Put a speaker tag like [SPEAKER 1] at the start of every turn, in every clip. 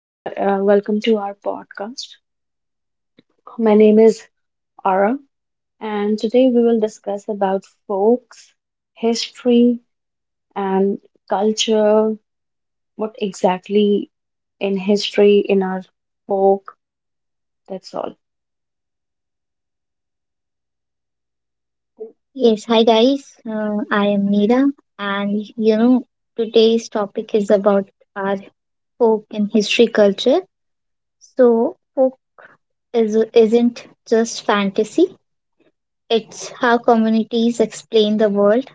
[SPEAKER 1] Welcome to our podcast. My name is Ara, and today we will discuss about folks, history, and culture. What exactly in history, in our folk, that's all.
[SPEAKER 2] Yes, hi guys. I am Meera, and today's topic is about our folk and history culture. So, isn't just fantasy, it's how communities explain the world,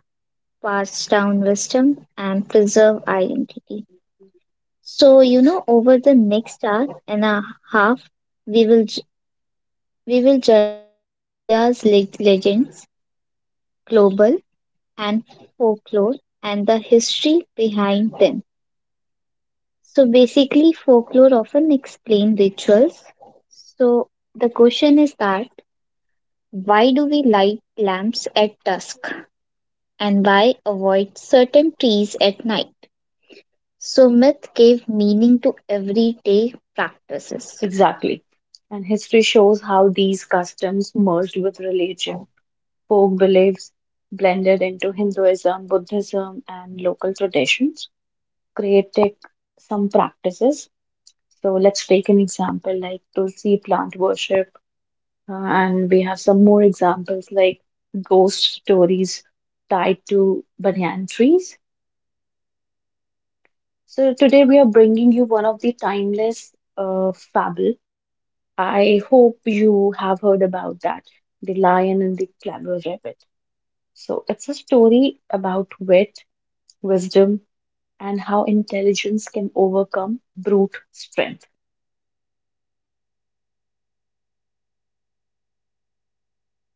[SPEAKER 2] pass down wisdom, and preserve identity. So, over the next hour and a half, we will j- we will journey through India's legends, global and folklore, and the history behind them. So basically, folklore often explain rituals. So the question is that why do we light lamps at dusk and why avoid certain trees at night? So myth gave meaning to everyday practices.
[SPEAKER 1] Exactly. And history shows how these customs merged with religion. Folk beliefs blended into Hinduism, Buddhism, and local traditions, creating some practices. So let's take an example like Tulsi plant worship, uh, and we have some more examples like ghost stories tied to banyan trees. So today we are bringing you one of the timeless fable. I hope you have heard about that, the lion and the clever rabbit. So it's a story about wit, wisdom, and how intelligence can overcome brute strength.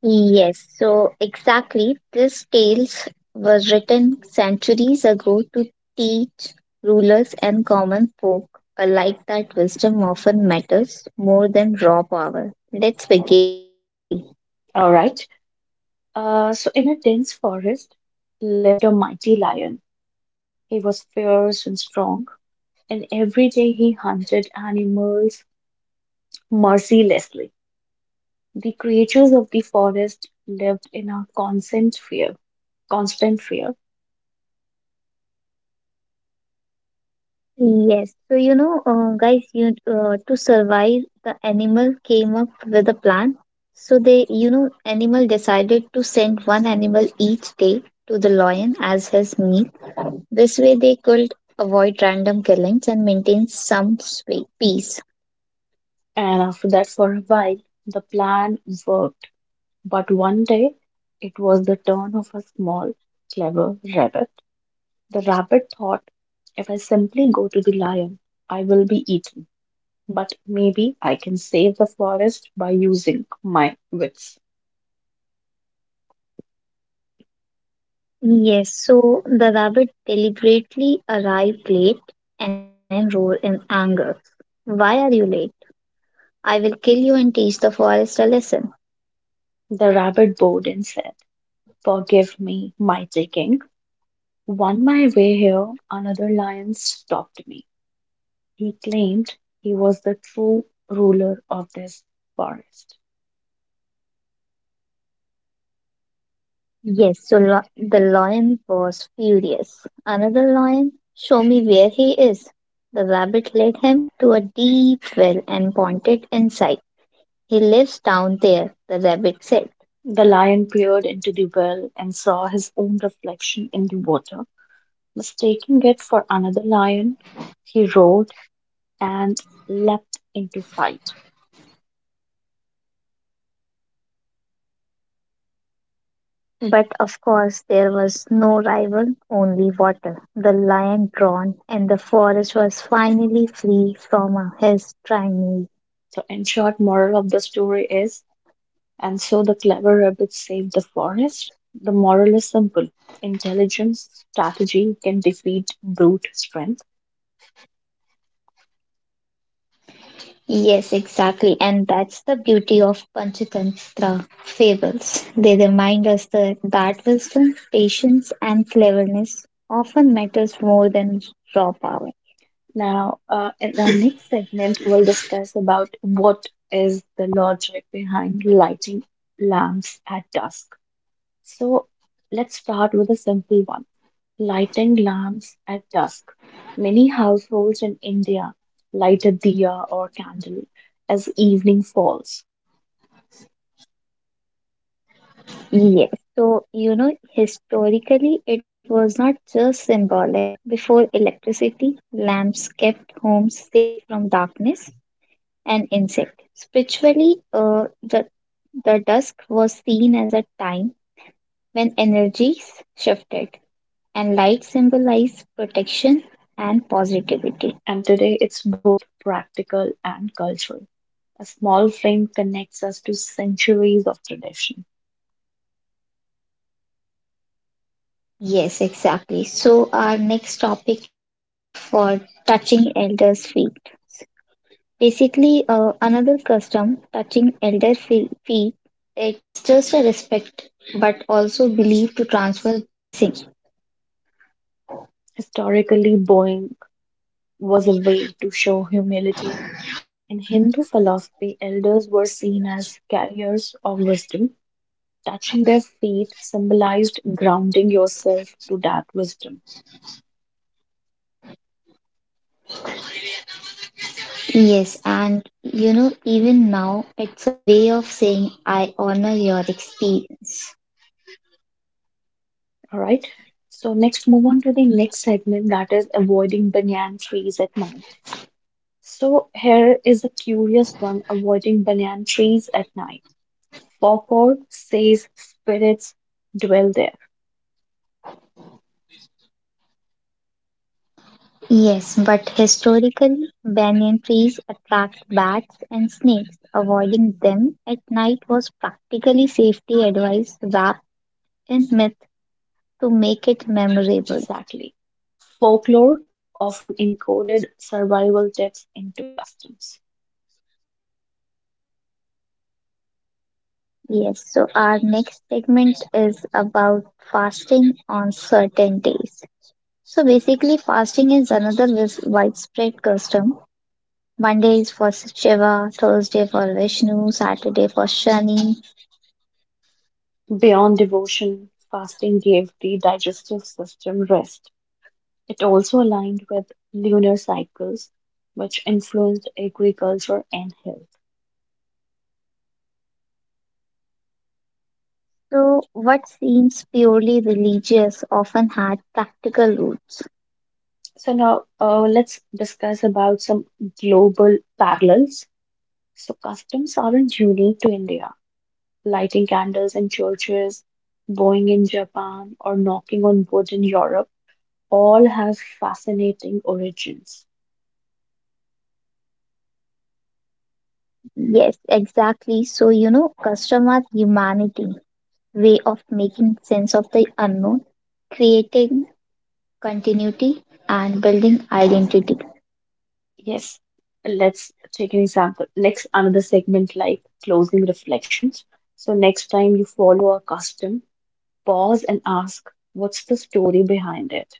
[SPEAKER 2] Yes, so exactly. This tales was written centuries ago to teach rulers and common folk alike that wisdom often matters more than raw power. Let's begin the story.
[SPEAKER 1] All right. So, in a dense forest lived a mighty lion. He was fierce and strong, and every day he hunted animals mercilessly. The creatures of the forest lived in a constant fear.
[SPEAKER 2] Yes, so guys, you to survive, the animal came up with a plan. So they, animal decided to send one animal each day to the lion as his meat. This way, they could avoid random killings and maintain some peace.
[SPEAKER 1] And after that, for a while, the plan worked. But one day, it was the turn of a small, clever rabbit. The rabbit thought, if I simply go to the lion, I will be eaten, but maybe I can save the forest by using my wits.
[SPEAKER 2] Yes, so the rabbit deliberately arrived late and the lion roared in anger. Why are you late? I will kill you and teach the forest a lesson.
[SPEAKER 1] The rabbit bowed and said, forgive me my digging. On my way here, another lion stopped me. He claimed he was the true ruler of this forest.
[SPEAKER 2] Yes, so the lion was furious. Another lion, show me where he is. The rabbit led him to a deep well and pointed inside. He lives down there, the rabbit said.
[SPEAKER 1] The lion peered into the well and saw his own reflection in the water. Mistaking it for another lion, he roared and leapt into fight.
[SPEAKER 2] But of course, there was no rival, only water. The lion drawn, and the forest was finally free from his tyranny.
[SPEAKER 1] So, in short, moral of the story is, and so the clever rabbits saved the forest? The moral is simple: intelligence strategy can defeat brute strength.
[SPEAKER 2] Yes, exactly. And that's the beauty of Panchatantra fables. They remind us that wisdom, patience, and cleverness often matters more than raw power.
[SPEAKER 1] Now, in our next segment, we'll discuss about what is the logic behind lighting lamps at dusk. So, let's start with a simple one, lighting lamps at dusk. Many households in India light a diya or candle as evening falls,
[SPEAKER 2] Yes. So, historically, it was not just symbolic. Before electricity, lamps kept homes safe from darkness and insect. Spiritually, the dusk was seen as a time when energies shifted, and light symbolized protection and positivity.
[SPEAKER 1] and today it's both practical and cultural. A small frame connects us to centuries of tradition.
[SPEAKER 2] Yes, exactly. So, our next topic is for touching elders' feet. Basically another custom touching elder feet. It's just a respect, but also belief to transfer blessing.
[SPEAKER 1] Historically, bowing was a way to show humility. In Hindu philosophy, elders were seen as carriers of wisdom. Touching their feet symbolized grounding yourself to that wisdom.
[SPEAKER 2] Yes, and even now, it's a way of saying I honor your experience.
[SPEAKER 1] All right. So next, move on to the next segment that is avoiding banyan trees at night. So here is a curious one: avoiding banyan trees at night. Folklore says spirits dwell there.
[SPEAKER 2] Yes, but historically, banyan trees attract bats and snakes. Avoiding them at night was practically safety advice wrapped in myth to make it memorable.
[SPEAKER 1] Exactly. Folklore often encoded survival tips into customs.
[SPEAKER 2] Yes, so our next segment is about fasting on certain days. So basically, fasting is another widespread custom. Monday is for Shiva, Thursday for Vishnu, Saturday for Shani.
[SPEAKER 1] Beyond devotion, fasting gave the digestive system rest. It also aligned with lunar cycles, which influenced agriculture and health.
[SPEAKER 2] So, what seems purely religious often had practical roots.
[SPEAKER 1] So now let's discuss about some global parallels. So customs aren't unique to India. Lighting candles in churches, bowing in Japan, or knocking on wood in Europe all have fascinating origins.
[SPEAKER 2] Yes, exactly. So, custom are humanity, way of making sense of the unknown, creating continuity, and building identity.
[SPEAKER 1] Yes, let's take an example. Next, another segment like closing reflections. So, next time you follow a custom, pause and ask, what's the story behind it?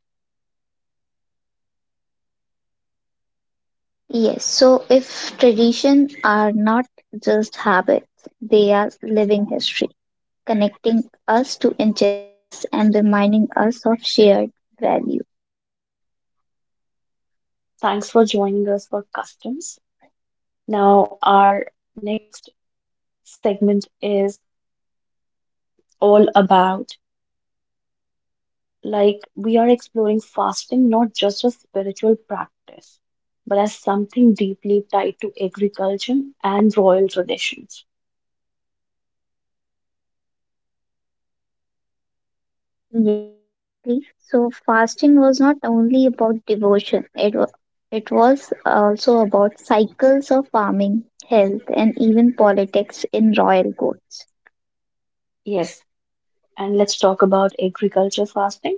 [SPEAKER 2] Yes, so if traditions are not just habits, they are living history, connecting us to ancestors and reminding us of shared values.
[SPEAKER 1] Thanks for joining us for customs. Now, our next segment is all about, like, we are exploring fasting not just as spiritual practice, but as something deeply tied to agriculture and royal traditions.
[SPEAKER 2] Yes, exactly. So fasting was not only about devotion, it was also about cycles of farming, health, and even politics in royal courts.
[SPEAKER 1] Yes, and let's talk about agriculture fasting.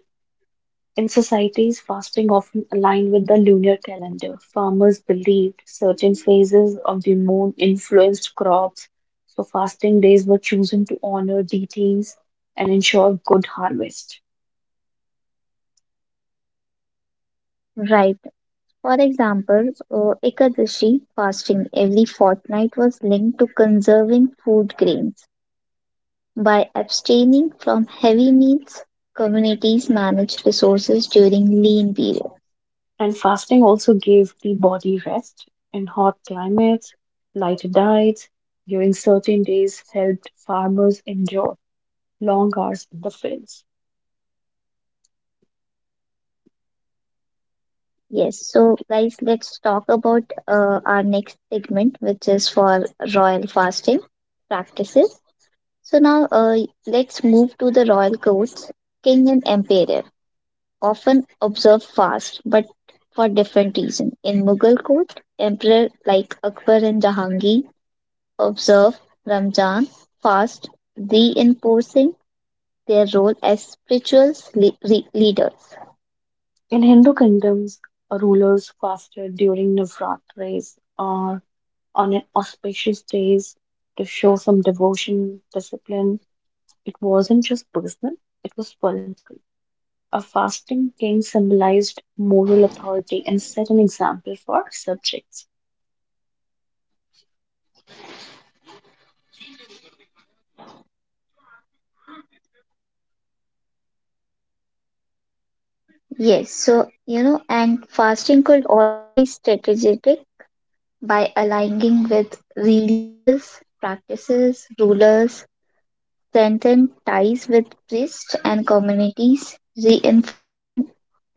[SPEAKER 1] In societies, fasting often aligned with the lunar calendar. Farmers believed certain phases of the moon influenced crops, so fasting days were chosen to honor deities and ensure good harvest.
[SPEAKER 2] Right. For example, Ekadashi fasting every fortnight was linked to conserving food grains. By abstaining from heavy meals, communities manage resources during lean period.
[SPEAKER 1] And fasting also gave the body rest in hot climates, lighter diets during certain days helped farmers endure long hours in the fields.
[SPEAKER 2] Yes, so guys, let's talk about our next segment, which is for royal fasting practices. So now let's move to the royal courts. King and emperor often observe fast, but for different reason. In Mughal court, emperor like Akbar and Jahangir observe Ramzan fast, reinforcing their role as spiritual leaders.
[SPEAKER 1] In Hindu kingdoms, rulers fasted during Navratris or on auspicious days to show some devotion, discipline. It wasn't just personal, it was political. A fasting king symbolized moral authority and set an example for subjects.
[SPEAKER 2] Yes, so and fasting could also be strategic by aligning with religious practices, rulers, strengthen ties with priests and communities, reinforcing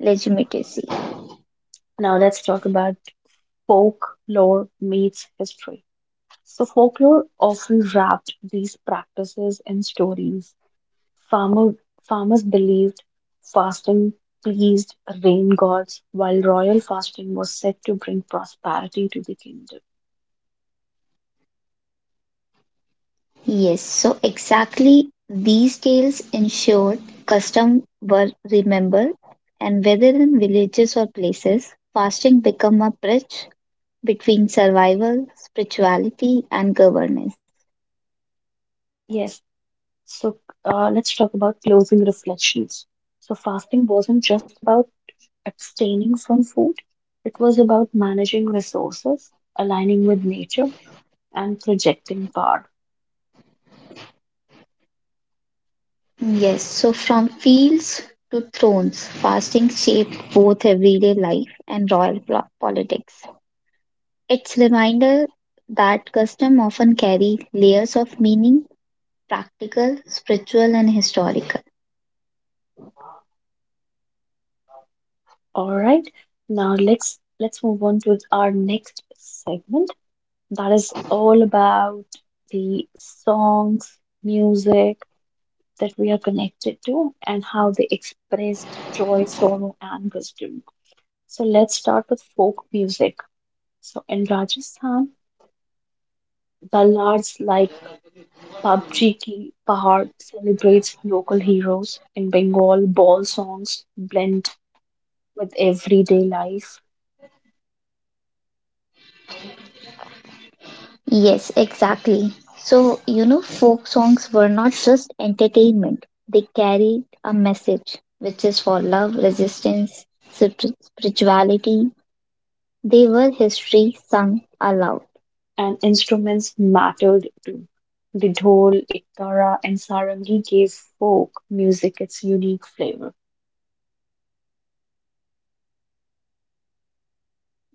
[SPEAKER 2] legitimacy.
[SPEAKER 1] Now let's talk about folklore meets history. So, folklore often wrapped these practices in stories. Farmer, farmers believed fasting pleased rain gods, while royal fasting was said to bring prosperity to the kingdom.
[SPEAKER 2] Yes, so exactly these tales ensured custom were remembered, and whether in villages or places, fasting become a bridge between survival, spirituality, and governance.
[SPEAKER 1] Yes, so let's talk about closing reflections. So, fasting wasn't just about abstaining from food, it was about managing resources, aligning with nature, and projecting power.
[SPEAKER 2] Yes, so from fields to thrones, fasting shaped both everyday life and royal politics. It's reminder that custom often carry layers of meaning, practical, spiritual, and historical.
[SPEAKER 1] All right. Now let's move on to our next segment that is all about the songs, music that we are connected to and how they expressed joy, sorrow, and wisdom. So let's start with folk music. So in Rajasthan, ballads like Pabji Ki Pahad celebrates local heroes. In Bengal, ball songs blend with everyday life.
[SPEAKER 2] Yes, exactly. So, folk songs were not just entertainment, they carried a message, which is for love, resistance, spirituality. They were history sung aloud.
[SPEAKER 1] And instruments mattered too. The dhol, ektara, and sarangi gave folk music its unique flavor.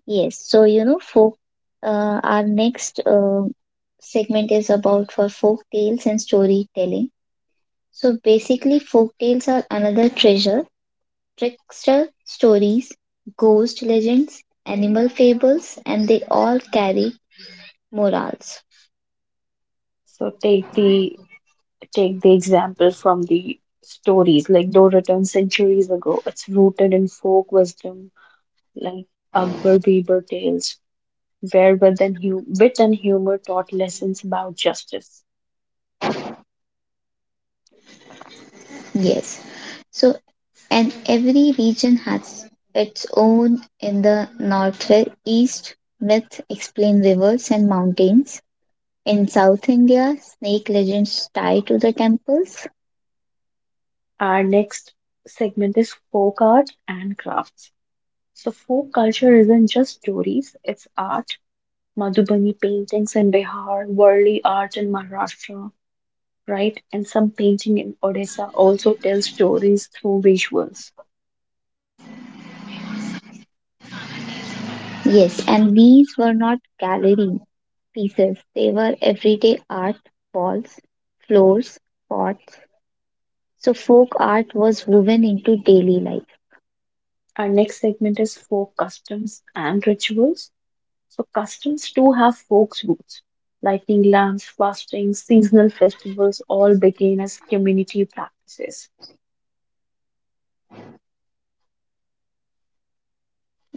[SPEAKER 2] Yes. So, our next segment is about for folk tales and storytelling. So, basically, folk tales are another treasure, trickster stories, ghost legends, animal fables, and they all carry morals.
[SPEAKER 1] So take the example from the stories like though written centuries ago. It's rooted in folk wisdom like Akbar Biber tales, where wit and humor taught lessons about justice.
[SPEAKER 2] Yes. So, and every region has its own in the northeast myth explain rivers and mountains. In South India, snake legends tie to the temples.
[SPEAKER 1] Our next segment is folk art and crafts. So folk culture isn't just stories; it's art, Madhubani paintings in Bihar, Warli art in Maharashtra, right? And some painting in Odisha also tell stories through visuals.
[SPEAKER 2] Yes, and these were not gallery pieces, they were everyday art, walls, floors, pots. So, folk art was woven into daily life.
[SPEAKER 1] Our next segment is folk customs and rituals. So customs too have folk roots. Lighting lamps, fasting, seasonal festivals all began as community practices.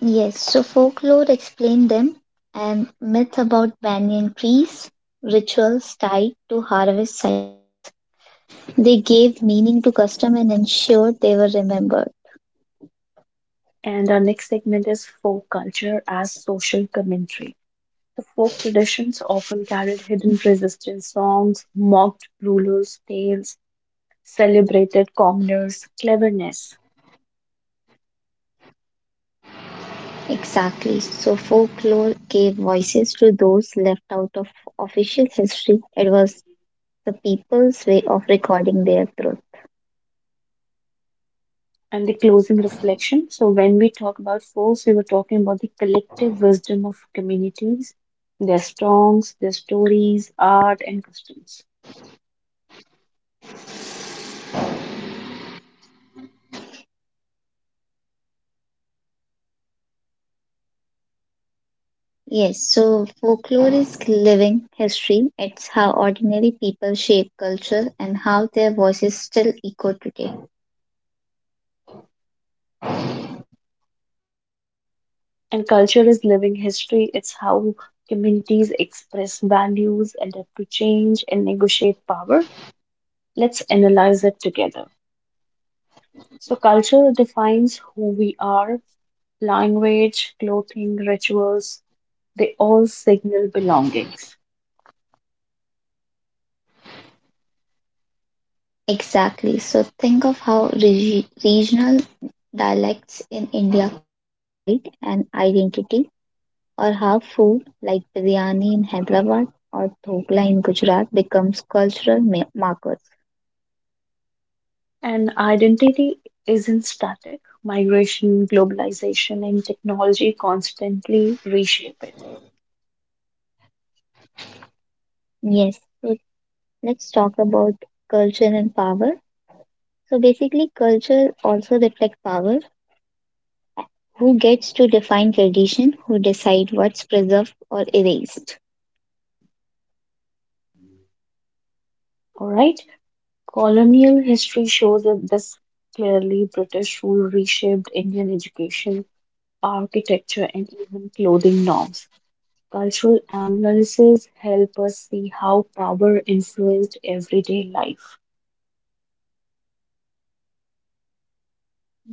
[SPEAKER 2] Yes, so folklore explained them and myth about banyan trees, rituals tied to harvest cycles. They gave meaning to custom and ensured they were remembered.
[SPEAKER 1] And our next segment is folk culture as social commentary. The folk traditions often carried hidden resistance songs, mocked rulers, tales, celebrated commoner's cleverness.
[SPEAKER 2] Exactly. So folklore gave voices to those left out of official history. It was the people's way of recording their truth.
[SPEAKER 1] And the closing reflection. So, when we talk about force, we were talking about the collective wisdom of communities, their songs, their stories, art, and customs.
[SPEAKER 2] Yes, so folklore is living history. It's how ordinary people shape culture and how their voices still echo today.
[SPEAKER 1] And culture is living history, it's how communities express values, adapt to change, and negotiate power. Let's analyze it together. So, culture defines who we are, language, clothing, rituals, they all signal belongings.
[SPEAKER 2] Exactly. So think of how regional dialects in India carry pride and identity. Or half food, like biryani in Hyderabad or dhokla in Gujarat, becomes cultural markers.
[SPEAKER 1] And identity isn't static. Migration, globalization, and technology constantly reshape it.
[SPEAKER 2] Yes, so let's talk about culture and power. So basically, culture also reflects power. Who gets to define tradition? Who decide what's preserved or erased?
[SPEAKER 1] All right? Colonial history shows that this clearly British rule reshaped Indian education, architecture, and even clothing norms. Cultural analysis help us see how power influenced everyday life.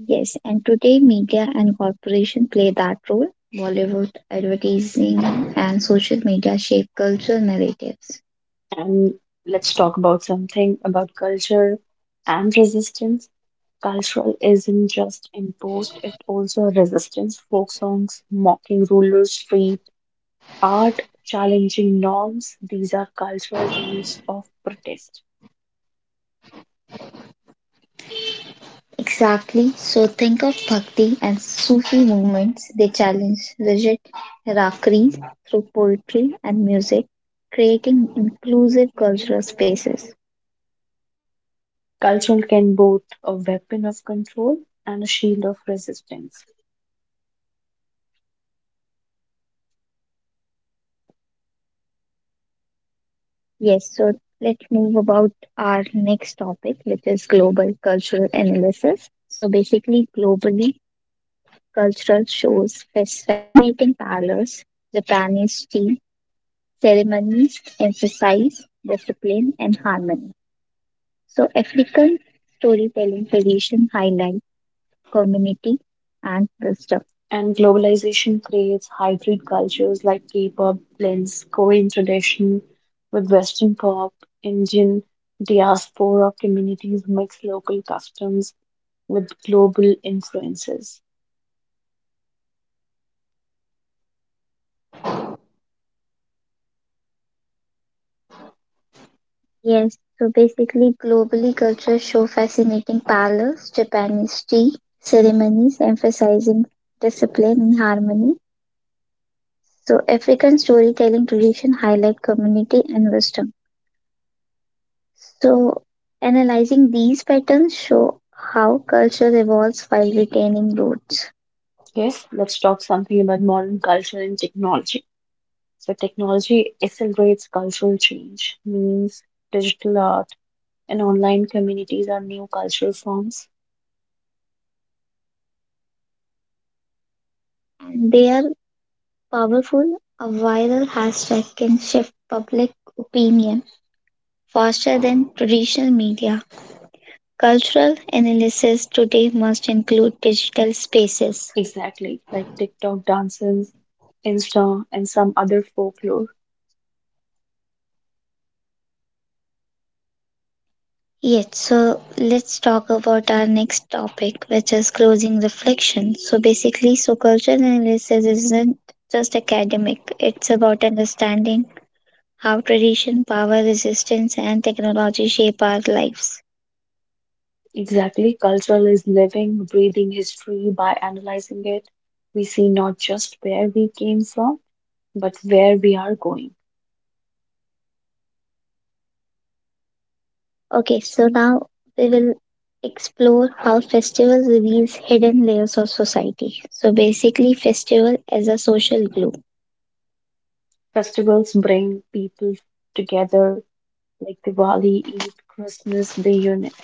[SPEAKER 2] Yes, and today media and corporation play that role. Bollywood, advertising, and social media shape cultural narratives.
[SPEAKER 1] And let's talk about something about culture and resistance. Cultural isn't just imposed, it also resistance, folk songs, mocking rulers, street art, challenging norms. These are cultural tools of protest.
[SPEAKER 2] Exactly. So think of bhakti and Sufi movements. They challenge rigid hierarchies through poetry and music, creating inclusive cultural spaces.
[SPEAKER 1] Culture can both a weapon of control and a shield of resistance.
[SPEAKER 2] Yes, so let's move about our next topic, which is global cultural analysis. So basically, globally, cultural shows fascinating parallels. Japanese tea ceremonies emphasize discipline and harmony. So, African storytelling tradition highlight community and wisdom.
[SPEAKER 1] And globalization creates hybrid cultures like K pop blends Korean tradition with Western pop, Indian diaspora communities mix local customs with global influences.
[SPEAKER 2] Yes, so basically, globally, cultures show fascinating parallels. Japanese tea ceremonies emphasizing discipline and harmony. So, African storytelling tradition highlight community and wisdom. So, analyzing these patterns show how culture evolves while retaining roots.
[SPEAKER 1] Yes, let's talk something about modern culture and technology. So, technology accelerates cultural change, means digital art and online communities are new cultural forms.
[SPEAKER 2] And they are powerful, a viral hashtag can shift public opinion faster than traditional media. Cultural analysis today must include digital spaces.
[SPEAKER 1] Exactly, like TikTok dances, Insta, and some other folklore.
[SPEAKER 2] Yes, so let's talk about our next topic, which is closing reflection. So basically, so cultural analysis isn't just academic, it's about understanding how tradition, power, resistance, and technology shape our lives.
[SPEAKER 1] Exactly. Culture is living, breathing history. By analyzing it, we see not just where we came from, but where we are going.
[SPEAKER 2] Okay, so now we will explore how festival reveals hidden layers of society. So basically, festival as a social glue.
[SPEAKER 1] Festivals bring people together, like Diwali, Eid, Christmas. They unite,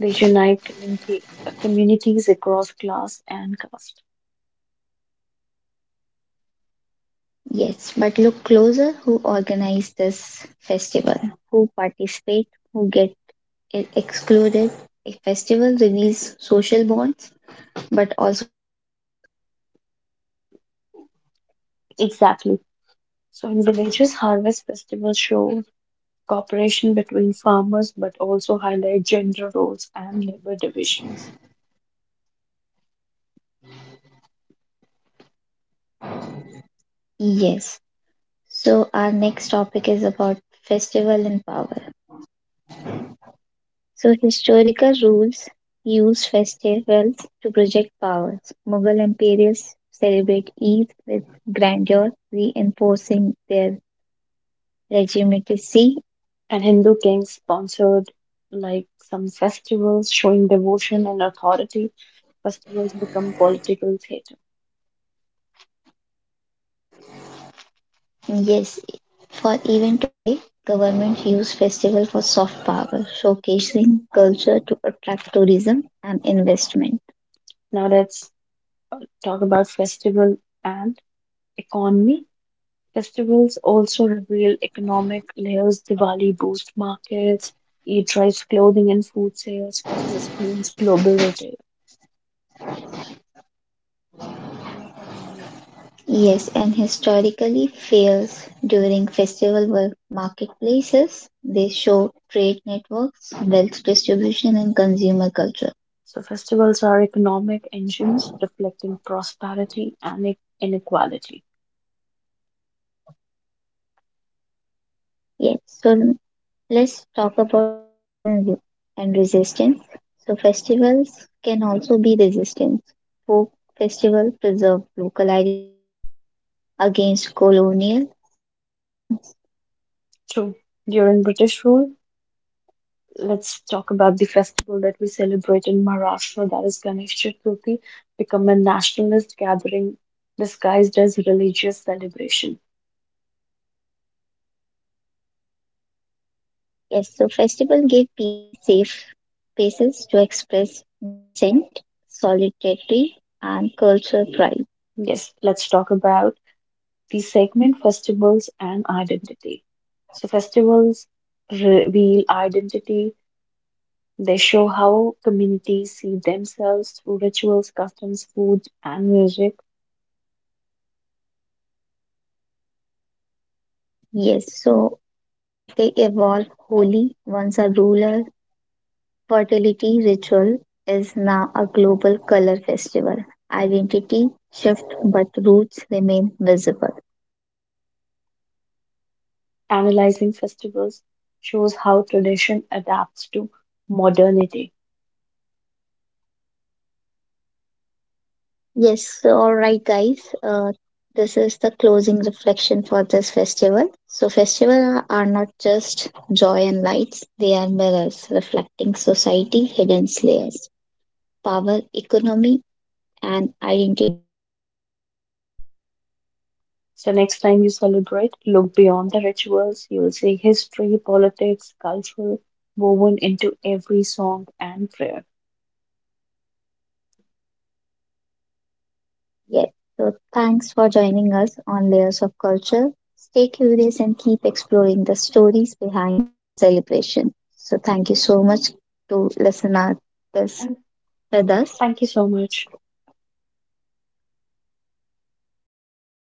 [SPEAKER 1] they unite communica- uh, communities across class and caste.
[SPEAKER 2] Yes, but look closer who organized this festival, who participate, who get excluded. A festival reveals social bonds but also divisions.
[SPEAKER 1] Exactly. So in villages, harvest festivals show cooperation between farmers, but also highlight gender roles and labor divisions.
[SPEAKER 2] Yes. So our next topic is about festival and power. So, historical rules used festivals to project powers. Mughal emperors celebrate Eid with grandeur, reinforcing their legitimacy.
[SPEAKER 1] And Hindu kings sponsored like some festivals showing devotion and authority. Festivals become political theater.
[SPEAKER 2] Yes, for even today, government use festival for soft power, showcasing culture to attract tourism and investment.
[SPEAKER 1] Now let's talk about festival and economy. Festivals also reveal economic layers. Diwali boosts markets. Eid drives clothing and food sales. Christmas fuels global retail.
[SPEAKER 2] Yes, and historically, fairs during festival were marketplaces. They show trade networks, wealth distribution, and consumer culture.
[SPEAKER 1] So festivals are economic engines reflecting prosperity and inequality.
[SPEAKER 2] Yes, so let's talk about festival and resistance. So festivals can also be resistance. Folk festival preserve local identity against colonial suppressions.
[SPEAKER 1] True. During British rule, let's talk about the festival that we celebrate in Maharashtra, that is Ganesh Chaturthi, become a nationalist gathering disguised as religious celebration.
[SPEAKER 2] Yes, so festival gave people safe spaces to express dissent, solidarity, and cultural pride.
[SPEAKER 1] Yes, let's talk about the segment festivals and identity. So, festivals reveal identity. They show how communities see themselves through rituals, customs, food, and music.
[SPEAKER 2] Yes, so and they evolve wholly once a rural fertility ritual is now a global color festival. Identity shift, but roots remain visible.
[SPEAKER 1] Analyzing festivals shows how tradition adapts to modernity.
[SPEAKER 2] Yes, so all right, guys. This is the closing reflection for this festival. So, festivals are not just joy and lights, they are mirrors reflecting society hidden layers. Power economy and identity resistance.
[SPEAKER 1] So next time you celebrate, look beyond the rituals. You will see history, politics, culture woven into every song and prayer.
[SPEAKER 2] Yes. So thanks for joining us on Layers of Culture. Stay curious and keep exploring the stories behind our celebration. So thank you so much to listen out this
[SPEAKER 1] And
[SPEAKER 2] with us.
[SPEAKER 1] thank you so much.